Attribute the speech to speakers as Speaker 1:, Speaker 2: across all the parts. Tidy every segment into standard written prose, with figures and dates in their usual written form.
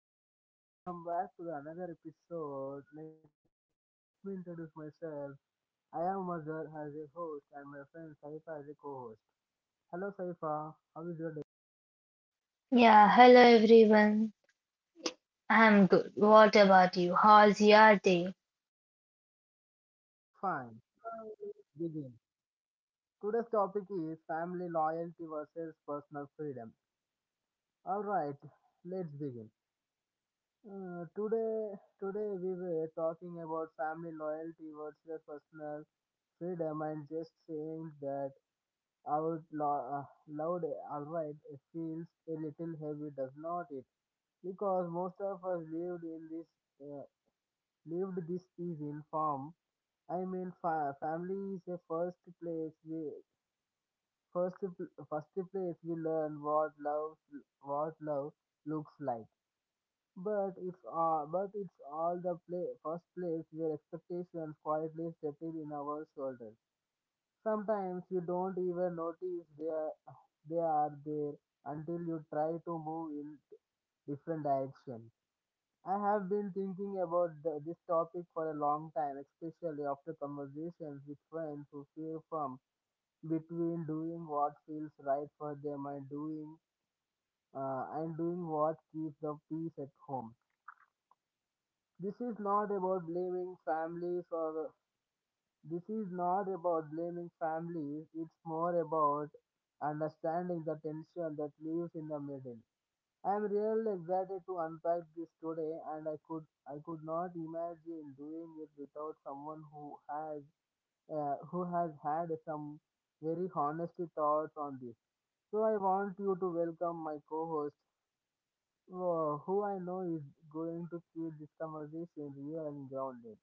Speaker 1: everyone, welcome back to the another episode. Let me introduce myself. I am Mazhar as a host and my friend Saifa as a co-host. Hello Saifa, how is your day?
Speaker 2: Yeah, hello everyone. I'm good. What about you? How's your day?
Speaker 1: Fine. Now let's begin. Today's topic is family loyalty versus personal freedom. All right, let's begin. Today we were talking about family loyalty versus personal freedom and just saying that out loud, alright, it feels a little heavy, does not it? Because most of us lived in this, uh, lived this is in farm. I mean, family is the first place we, first place we learn what love looks like. But it's all the play, first place where expectations quietly settle in our shoulders. Sometimes you don't even notice they are there until you try to move in different direction. I have been thinking about this topic for a long time, especially after conversations with friends who feel from between doing what feels right for them and doing what keeps the peace at home. This is not about blaming families or This is not about blaming families, it's more about understanding the tension that lives in the middle. I'm really excited to unpack this today and I could not imagine doing it without someone who has had some very honest thoughts on this. So I want you to welcome my co-host, who I know is going to keep this conversation real and grounded.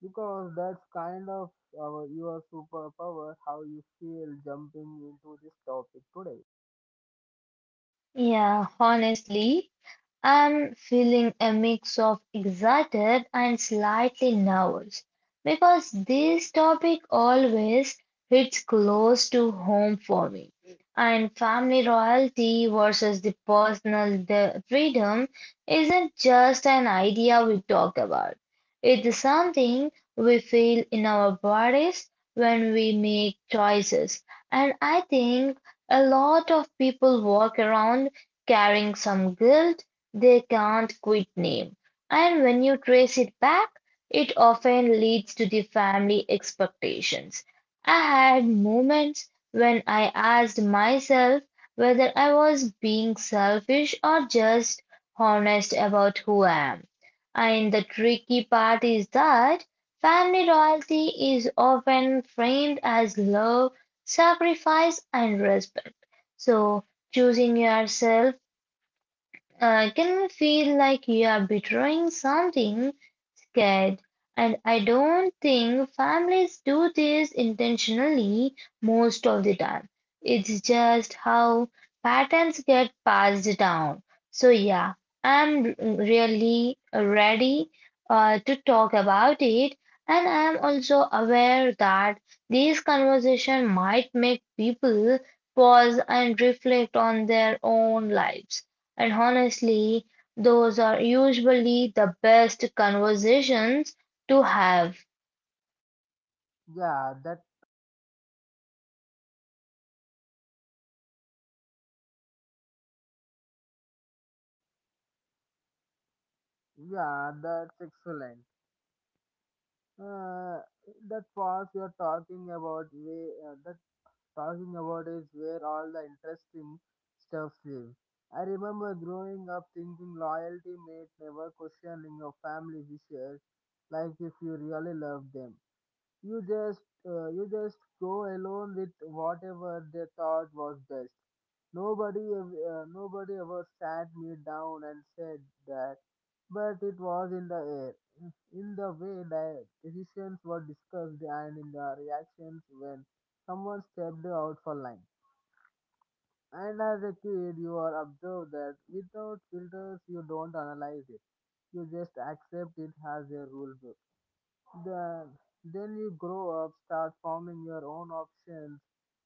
Speaker 1: Because that's kind of your superpower, how you feel jumping into this topic today.
Speaker 2: Yeah, honestly, I'm feeling a mix of excited and slightly nervous because this topic always hits close to home for me. And family royalty versus the personal freedom isn't just an idea we talk about. It's something we feel in our bodies when we make choices. And I think a lot of people walk around carrying some guilt they can't quit name, and when you trace it back, it often leads to the family expectations. I had moments when I asked myself whether I was being selfish or just honest about who I am. And the tricky part is that family loyalty is often framed as love, sacrifice, and respect. So choosing yourself I can feel like you are betraying something scared. And I don't think families do this intentionally most of the time. It's just how patterns get passed down. So, yeah, I'm really ready to talk about it. And I'm also aware that this conversation might make people pause and reflect on their own lives. And honestly, those are usually the best conversations to have.
Speaker 1: Yeah, that yeah, that's excellent. Uh, that was you're talking about way, that talking about is where all the interesting stuff live. I remember growing up thinking loyalty made never questioning your family wishes, like if you really love them. You just you just go alone with whatever they thought was best. Nobody ever sat me down and said that, but it was in the air, in the way that decisions were discussed and in the reactions when someone stepped out for line. And as a kid, you are observed that without filters, you don't analyze it. You just accept it as a rule book then, then you grow up, start forming your own options,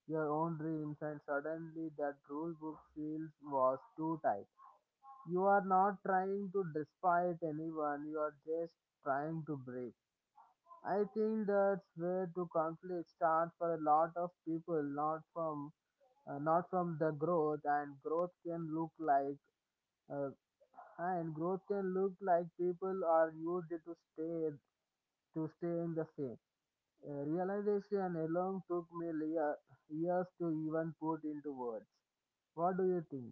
Speaker 1: your own dreams, and suddenly that rule book feels was too tight. You are not trying to despite anyone, you are just trying to break. I think that's where to conflict start for a lot of people, not from not from the growth, and growth can look like uh, people are used to staying the same, a realization alone took me years to even put into words. What do you think?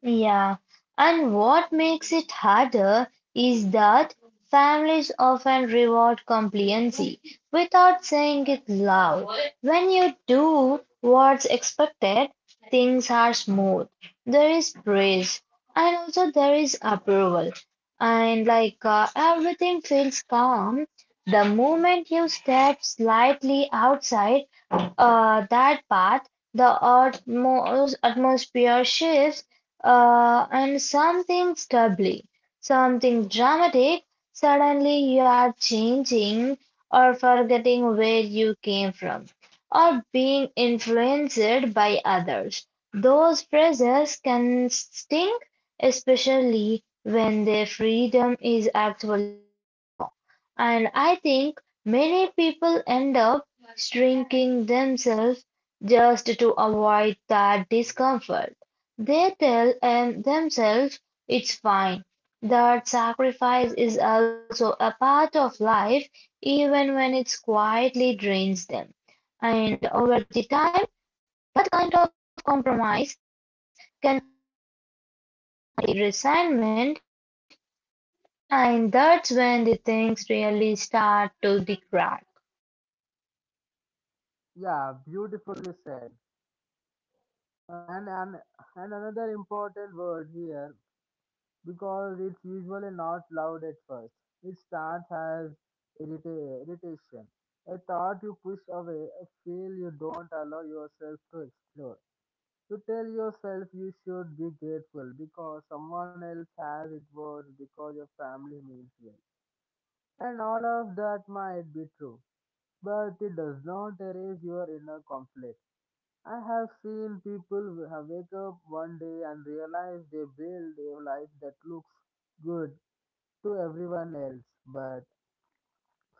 Speaker 2: Yeah, and what makes it harder is that families often reward compliancy without saying it loud. When you do what's expected, things are smooth. There is praise, and also there is approval. And like everything feels calm, the moment you step slightly outside that path, the atmosphere shifts and something stubbly, something dramatic, suddenly you are changing or forgetting where you came from, or being influenced by others. Those phrases can sting, especially when their freedom is actually a flaw. And I think many people end up shrinking themselves just to avoid that discomfort. They tell and themselves it's fine, that sacrifice is also a part of life, even when it quietly drains them. And over the time, kind of compromise can be resignment, and that's when the things really start to the crack.
Speaker 1: Yeah, beautifully said. Uh, and, and and another important word here because it's usually not loud at first. It starts as irritation, a thought you push away, a feel you don't allow yourself to explore. You tell yourself you should be grateful because someone else has it worse because your family means well. And all of that might be true, but it does not erase your inner conflict. I have seen people w- have wake up one day and realize they build a life that looks good to everyone else but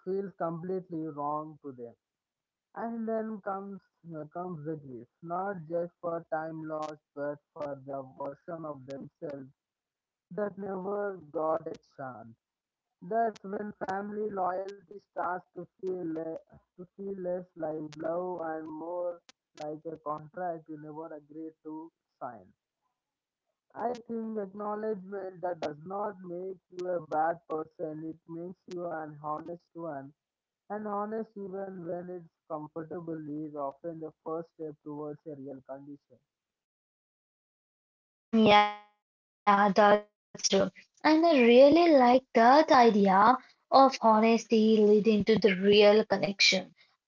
Speaker 1: feels completely wrong to them. And then comes the grief, not just for time lost, but for the version of themselves that never got a chance. That's when family loyalty starts to feel to feel less like love and more like a contract you never agreed to sign. I think acknowledgement that does not make you a bad person. It makes you an honest one. And honest even when it's comfortable is often the first step towards a real condition.
Speaker 2: Yeah, that's true. And I really like that idea of honesty leading to the real connection.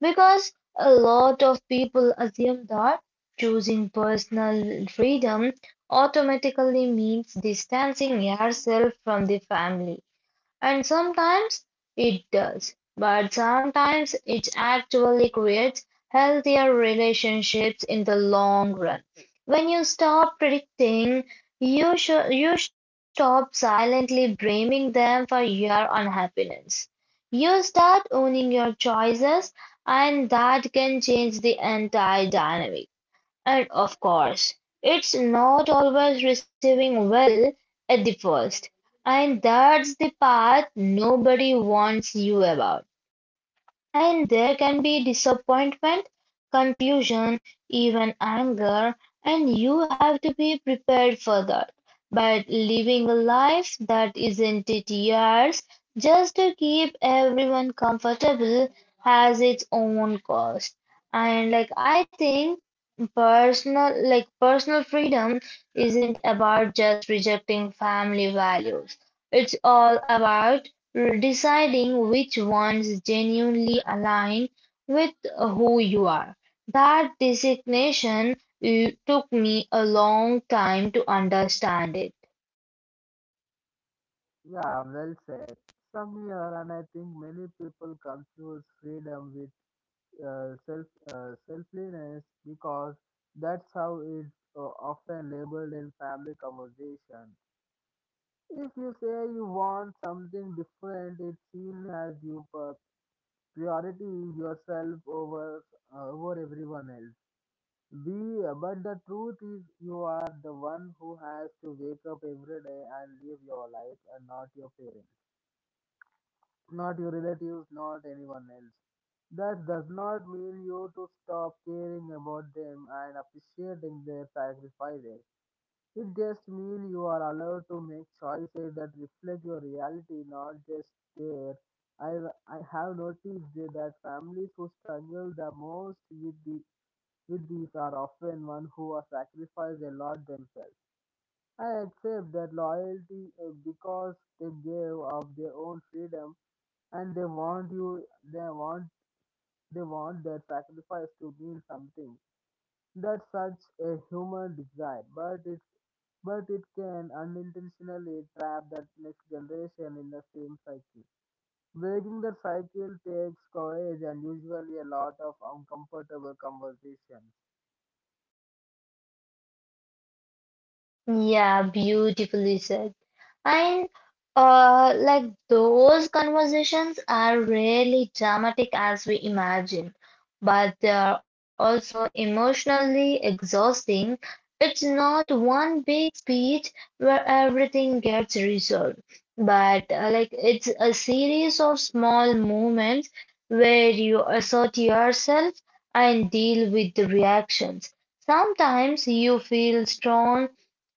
Speaker 2: Because a lot of people assume that choosing personal freedom automatically means distancing yourself from the family. And sometimes it does, but sometimes it actually creates healthier relationships in the long run. When you stop predicting, you stop silently blaming them for your unhappiness. You start owning your choices and that can change the entire dynamic. And of course, it's not always receiving well at the first, and that's the part nobody warns you about. And there can be disappointment, confusion, even anger, and you have to be prepared for that. But living a life that isn't it yours, just to keep everyone comfortable, has its own cost. And like I think personal freedom isn't about just rejecting family values. It's all about deciding which ones genuinely align with who you are. That designation took me a long time to understand it.
Speaker 1: Yeah, well said. Some here and I think many people confuse freedom with uh, self selflessness because that's how it's often labeled in family conversation. If you say you want something different, it's seen as you priority yourself over over everyone else. But the truth is, you are the one who has to wake up every day and live your life, and not your parents, not your relatives, not anyone else. That does not mean you to stop caring about them and appreciating their sacrifices. It just means you are allowed to make choices that reflect your reality, not just their. I, I have noticed that families who struggle the most with these are often one who are sacrificed a lot themselves. I accept that loyalty because they gave up their own freedom and they want you they want they want their sacrifice to mean something, that's such a human desire but it can unintentionally trap that next generation in the same cycle. Breaking that cycle takes courage and usually a lot of uncomfortable conversations.
Speaker 2: Yeah, beautifully said. And those conversations are really dramatic as we imagine. But they are also emotionally exhausting. It's not one big speech where everything gets resolved, but it's a series of small moments where you assert yourself and deal with the reactions. Sometimes you feel strong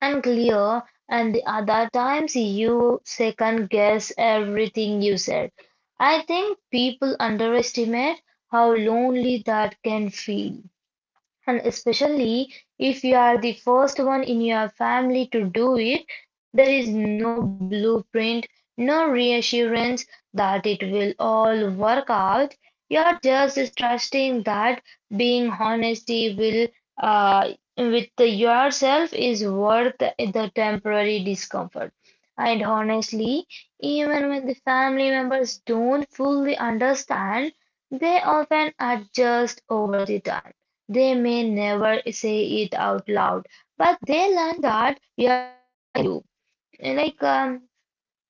Speaker 2: and clear, and the other times you second guess everything you said. I think people underestimate how lonely that can feel, and especially if you are the first one in your family to do it, there is no blueprint, no reassurance that it will all work out. You are just trusting that being honesty will uh, with yourself is worth the temporary discomfort. And honestly, even when the family members don't fully understand, they often adjust over the time. They may never say it out loud, but they learn that we are you. Like, um,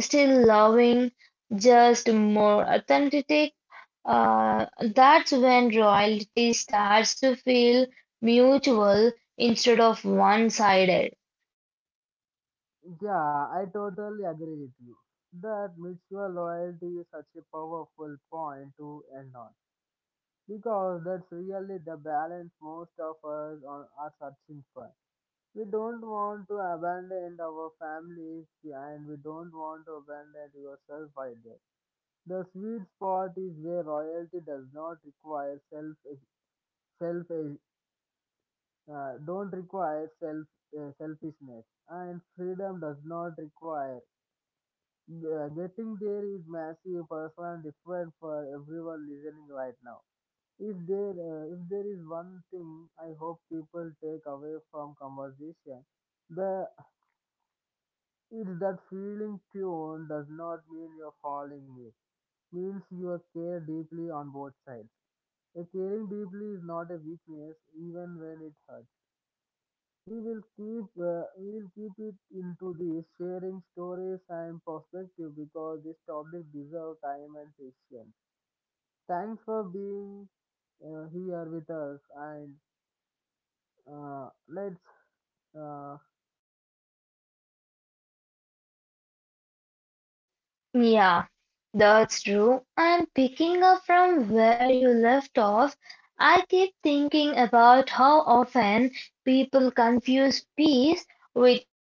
Speaker 2: mm, still loving, just more authentic. Uh, that's when royalty starts to feel mutual instead of one-sided.
Speaker 1: Yeah, I totally agree with you, that mutual loyalty is such a powerful point to end on. Because that's really the balance most of us are searching for. We don't want to abandon our families and we don't want to abandon yourself either. The sweet spot is where royalty does not require self self don't require self selfishness and freedom does not require. Getting there is massive personal different for everyone listening right now. If there is one thing I hope people take away from conversation, the it's that feeling tune does not mean you're falling it. Means you are care deeply on both sides. A caring deeply is not a weakness, even when it hurts. We will keep it into this sharing stories and perspective because this topic deserves time and patience. Thanks for being here with us and let's Uh,
Speaker 2: Yeah, that's true. And picking up from where you left off, I keep thinking about how often people confuse peace with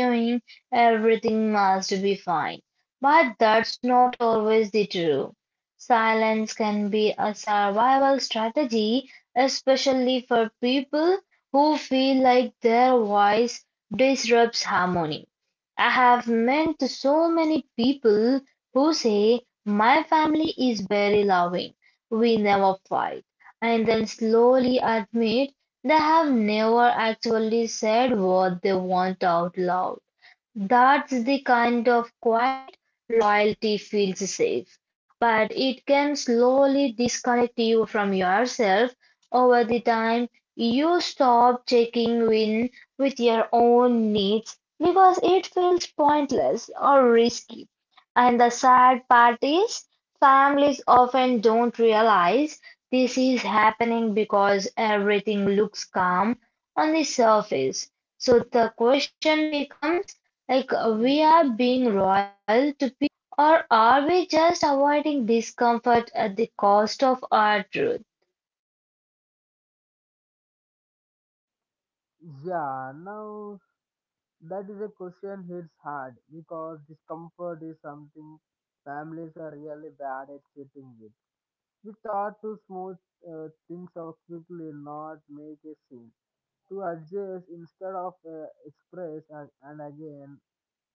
Speaker 2: are hearing everything must be fine, but that's not always the truth. Silence can be a survival strategy, especially for people who feel like their voice disrupts harmony. I have met so many people who say, my family is very loving, we never fight, and then slowly admit they have never actually said what they want out loud. That's the kind of quiet loyalty feels safe, but it can slowly disconnect you from yourself over the time you stop checking in with your own needs because it feels pointless or risky. And the sad part is, families often don't realize this is happening because everything looks calm on the surface. So the question becomes like we are being loyal to peace or are we just avoiding discomfort at the cost of our truth?
Speaker 1: yeah, now, that is a question hits hard because discomfort is something families are really bad at sitting with. We thought to smooth things out quickly, not make a scene. To adjust instead of express, and again,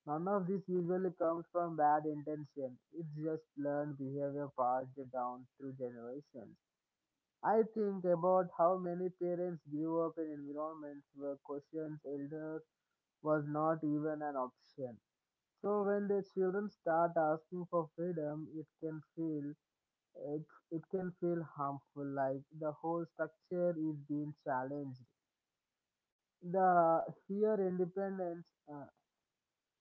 Speaker 1: none of this usually comes from bad intention. It's just learned behavior passed down through generations. I think about how many parents grew up in environments where questions elders was not even an option. So when the children start asking for freedom, it can it, feel harmful, like the whole structure is being challenged. The here independence, uh,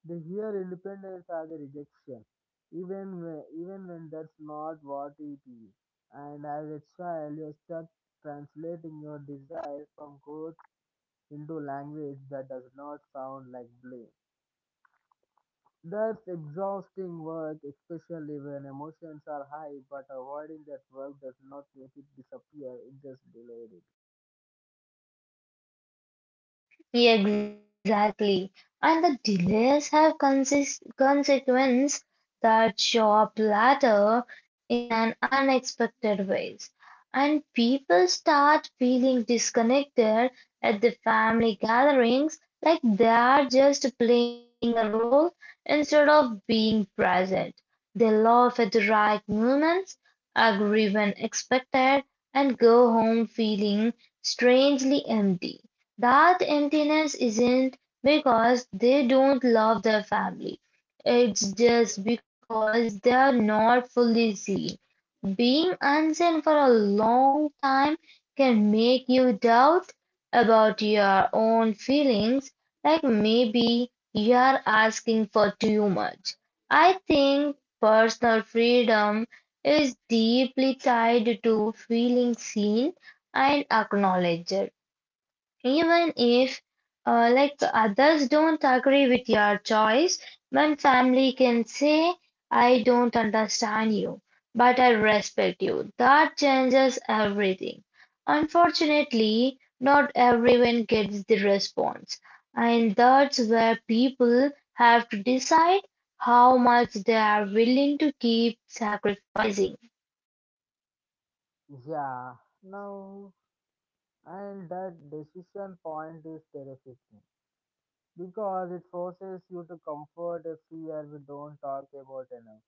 Speaker 1: the here independence are the rejection, even when that's not what it is. And as a child, you're stuck translating your desire from growth into language that does not sound like blame. That's exhausting work, especially when emotions are high, but avoiding that work does not make it disappear, it just delayed it.
Speaker 2: Yeah, exactly. And the delays have consist consequence that show up later in an unexpected ways. And people start feeling disconnected at the family gatherings, like they are just playing a role instead of being present. They laugh at the right moments, agree when expected, and go home feeling strangely empty. That emptiness isn't because they don't love their family. It's just because they're not fully seen. Being unseen for a long time can make you doubt about your own feelings, like maybe you're asking for too much. I think personal freedom is deeply tied to feeling seen and acknowledged. Even if, others don't agree with your choice, one family can say, I don't understand you, but I respect you. That changes everything. Unfortunately, not everyone gets the response, and that's where people have to decide how much they are willing to keep sacrificing.
Speaker 1: Yeah, now, and that decision point is terrifying because it forces you to comfort a fear we don't talk about enough.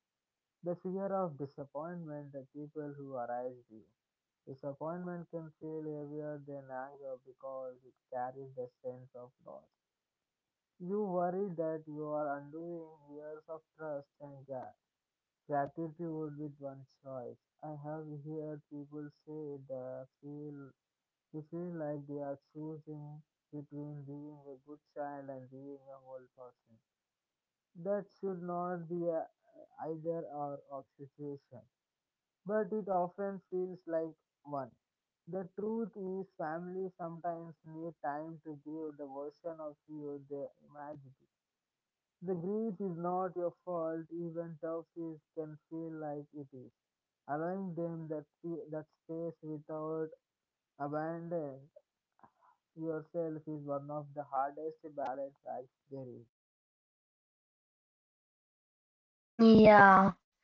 Speaker 1: The fear of disappointment, the people who arise you. Disappointment can feel heavier than anger because it carries the sense of loss. You worry that you are undoing years of trust and gratitude with one choice. I have heard people say feel they feel like they are choosing between being a good child and being a whole person. That should not be a either or of situation, but it often feels like one. The truth is, family sometimes need time to give the version of you they imagined, the grief is not your fault, even toughies can feel like it is. Allowing them that space without abandoning yourself is one of the hardest balance acts there is.
Speaker 2: Yeah.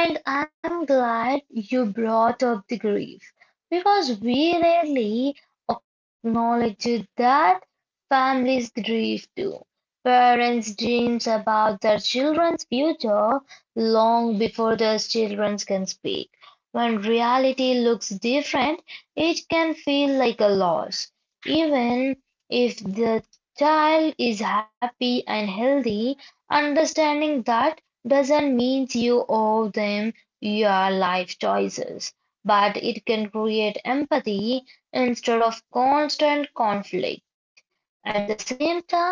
Speaker 2: And I'm glad you brought up the grief, because we rarely acknowledge that families grieve too; parents dream about their children's future long before their children can speak. When reality looks different, it can feel like a loss. Even if the child is happy and healthy, understanding that doesn't mean you owe them your life choices, but it can create empathy instead of constant conflict. At the same time,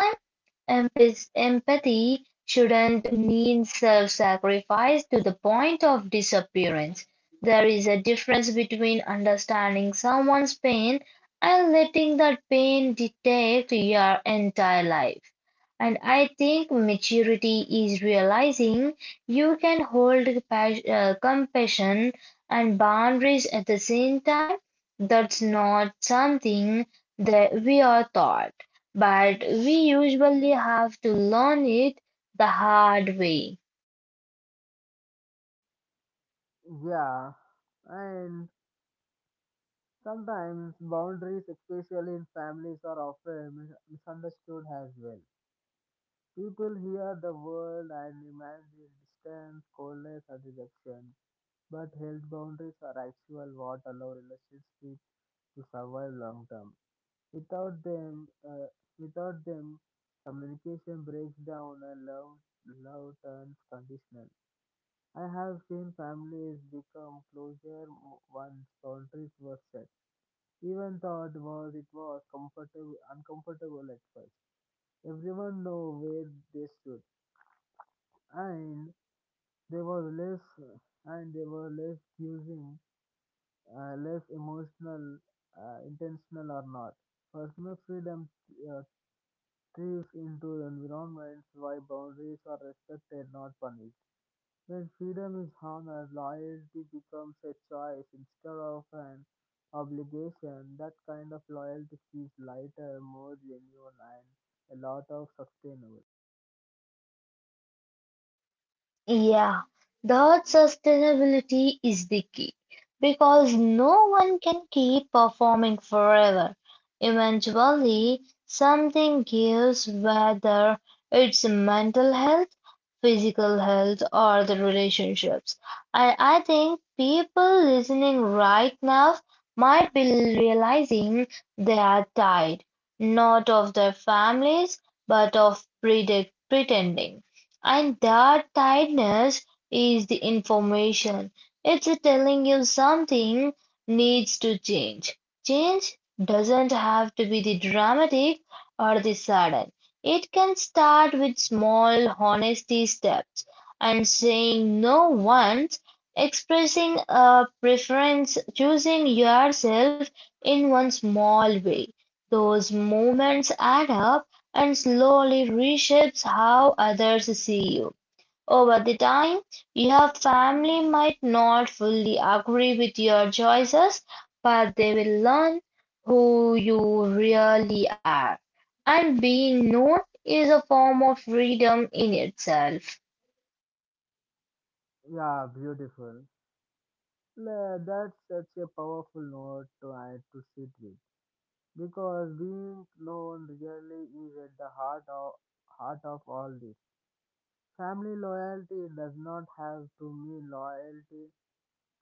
Speaker 2: empath- empathy shouldn't mean self-sacrifice to the point of disappearance. There is a difference between understanding someone's pain and letting that pain dictate your entire life. And I think maturity is realizing you can hold compassion and boundaries at the same time. That's not something that we are taught, but we usually have to learn it the hard way.
Speaker 1: Yeah, and sometimes boundaries, especially in families, are often misunderstood as well. People hear the word and imagine distance, coldness, and rejection, but health boundaries are actual what allow relationships to survive long term. Without them, uh, without them, communication breaks down and love turns conditional. I have seen families become closure once boundaries were set. Even though it was comfortable uncomfortable at first. Everyone know where they stood, and there was less and they were less using, less emotional, intentional or not. Personal freedom uh, thrives into environments where boundaries are respected, not punished. When freedom is honored, loyalty becomes a choice instead of an obligation. That kind of loyalty feels lighter, more genuine, and a lot of sustainable.
Speaker 2: Yeah, the sustainability is the key because no one can keep performing forever. Eventually, something gives, whether it's mental health, physical health, or the relationships. I think people listening right now might be realizing they are tired, not of their families, but of pretending. And that tiredness is the information. It's telling you something needs to change. Change doesn't have to be the dramatic or the sudden. It can start with small honesty steps and saying no once, expressing a preference, choosing yourself in one small way. Those moments add up and slowly reshapes how others see you. Over the time, your family might not fully agree with your choices, but they will learn who you really are. And being known is a form of freedom in itself.
Speaker 1: Yeah, beautiful. That's such a powerful note to add to sit with because being known really is at the heart of all this. Family loyalty does not have to mean loyalty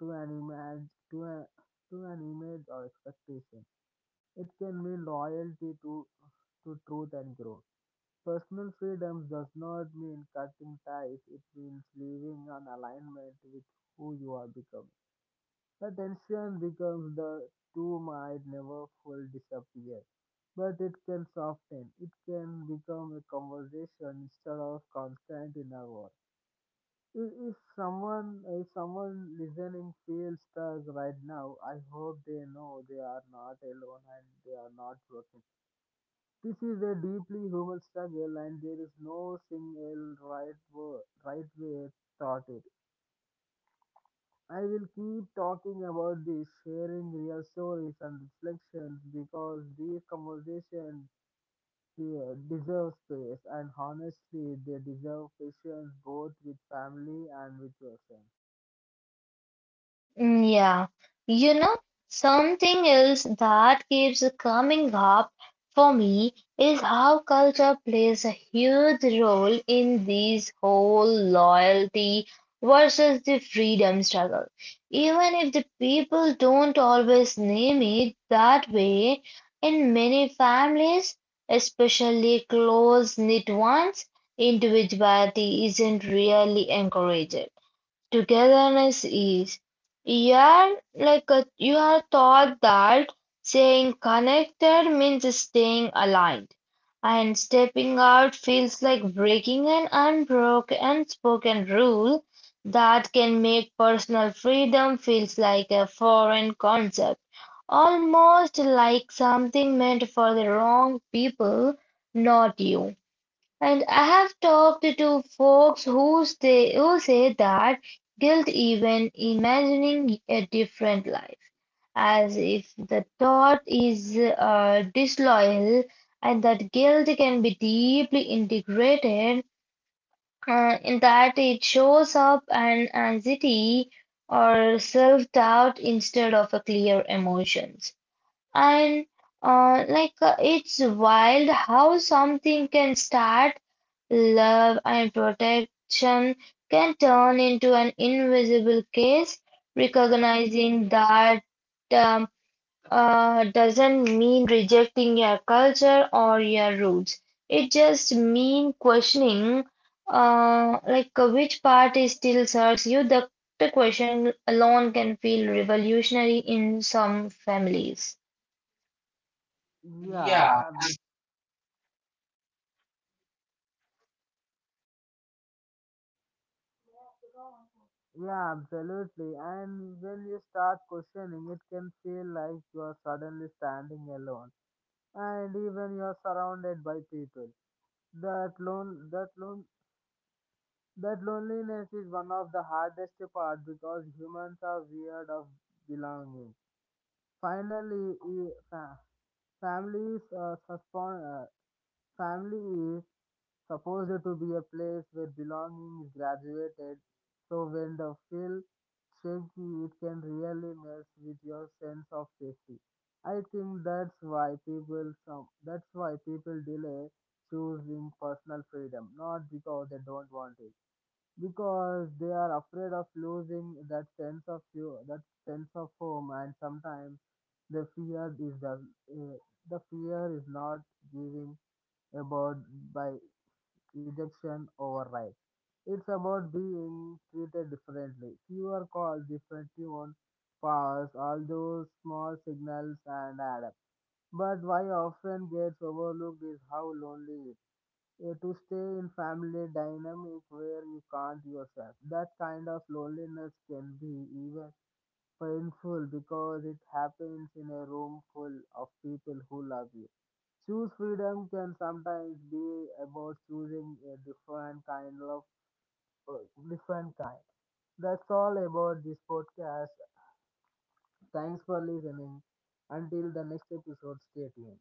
Speaker 1: to an image to, a, to an image or expectation. It can mean loyalty to truth and growth. Personal freedom does not mean cutting ties, it means living an alignment with who you are becoming. The tension becomes the two might never fully disappear, but it can soften. It can become a conversation instead of constant inner war. If someone listening feels stuck right now, I hope they know they are not alone and they are not broken. This is a deeply human struggle, and there is no single right way to start it. I will keep talking about this, sharing real stories and reflections because these conversations deserve space, and honestly, they deserve patience both with family and with yourself.
Speaker 2: Yeah, you know, something else that keeps coming up for me is how culture plays a huge role in this whole loyalty versus the freedom struggle. Even if the people don't always name it that way, in many families, especially close knit ones, individuality isn't really encouraged. Togetherness is. You are like a, you are taught that saying connected means staying aligned, and stepping out feels like breaking an unbroken unspoken rule that can make personal freedom feels like a foreign concept, almost like something meant for the wrong people, not you. And I have talked to folks who say that guilt, even imagining a different life, as if the thought is disloyal, and that guilt can be deeply integrated in that it shows up an anxiety or self-doubt instead of a clear emotions. And it's wild how something can start love, and protection can turn into an invisible case, recognizing that um, doesn't mean rejecting your culture or your roots. It just means questioning, which part is still serves you. The question alone can feel revolutionary in some families.
Speaker 1: Yeah, uh, Yeah, absolutely. And when you start questioning, it can feel like you are suddenly standing alone, and even you are surrounded by people. That lone, that lone, that loneliness is one of the hardest part because humans are weird of belonging. Finally, families suspend. Family supposed to be a place where belonging is graduated. So when the feel shaky, it can really mess with your sense of safety. I think that's why people delay choosing personal freedom, not because they don't want it, because they are afraid of losing that sense of home, and sometimes the fear is the uh, the fear is not giving about by ejection override. It's about being treated differently. Fewer calls, different tune, powers, all those small signals and add up. But why often gets overlooked is how lonely it is. To stay in family dynamic where you can't yourself. That kind of loneliness can be even painful because it happens in a room full of people who love you. Choose freedom can sometimes be about choosing a different kind of uh, different kind. That's all about this podcast. Thanks for listening. Until the next episode, stay tuned.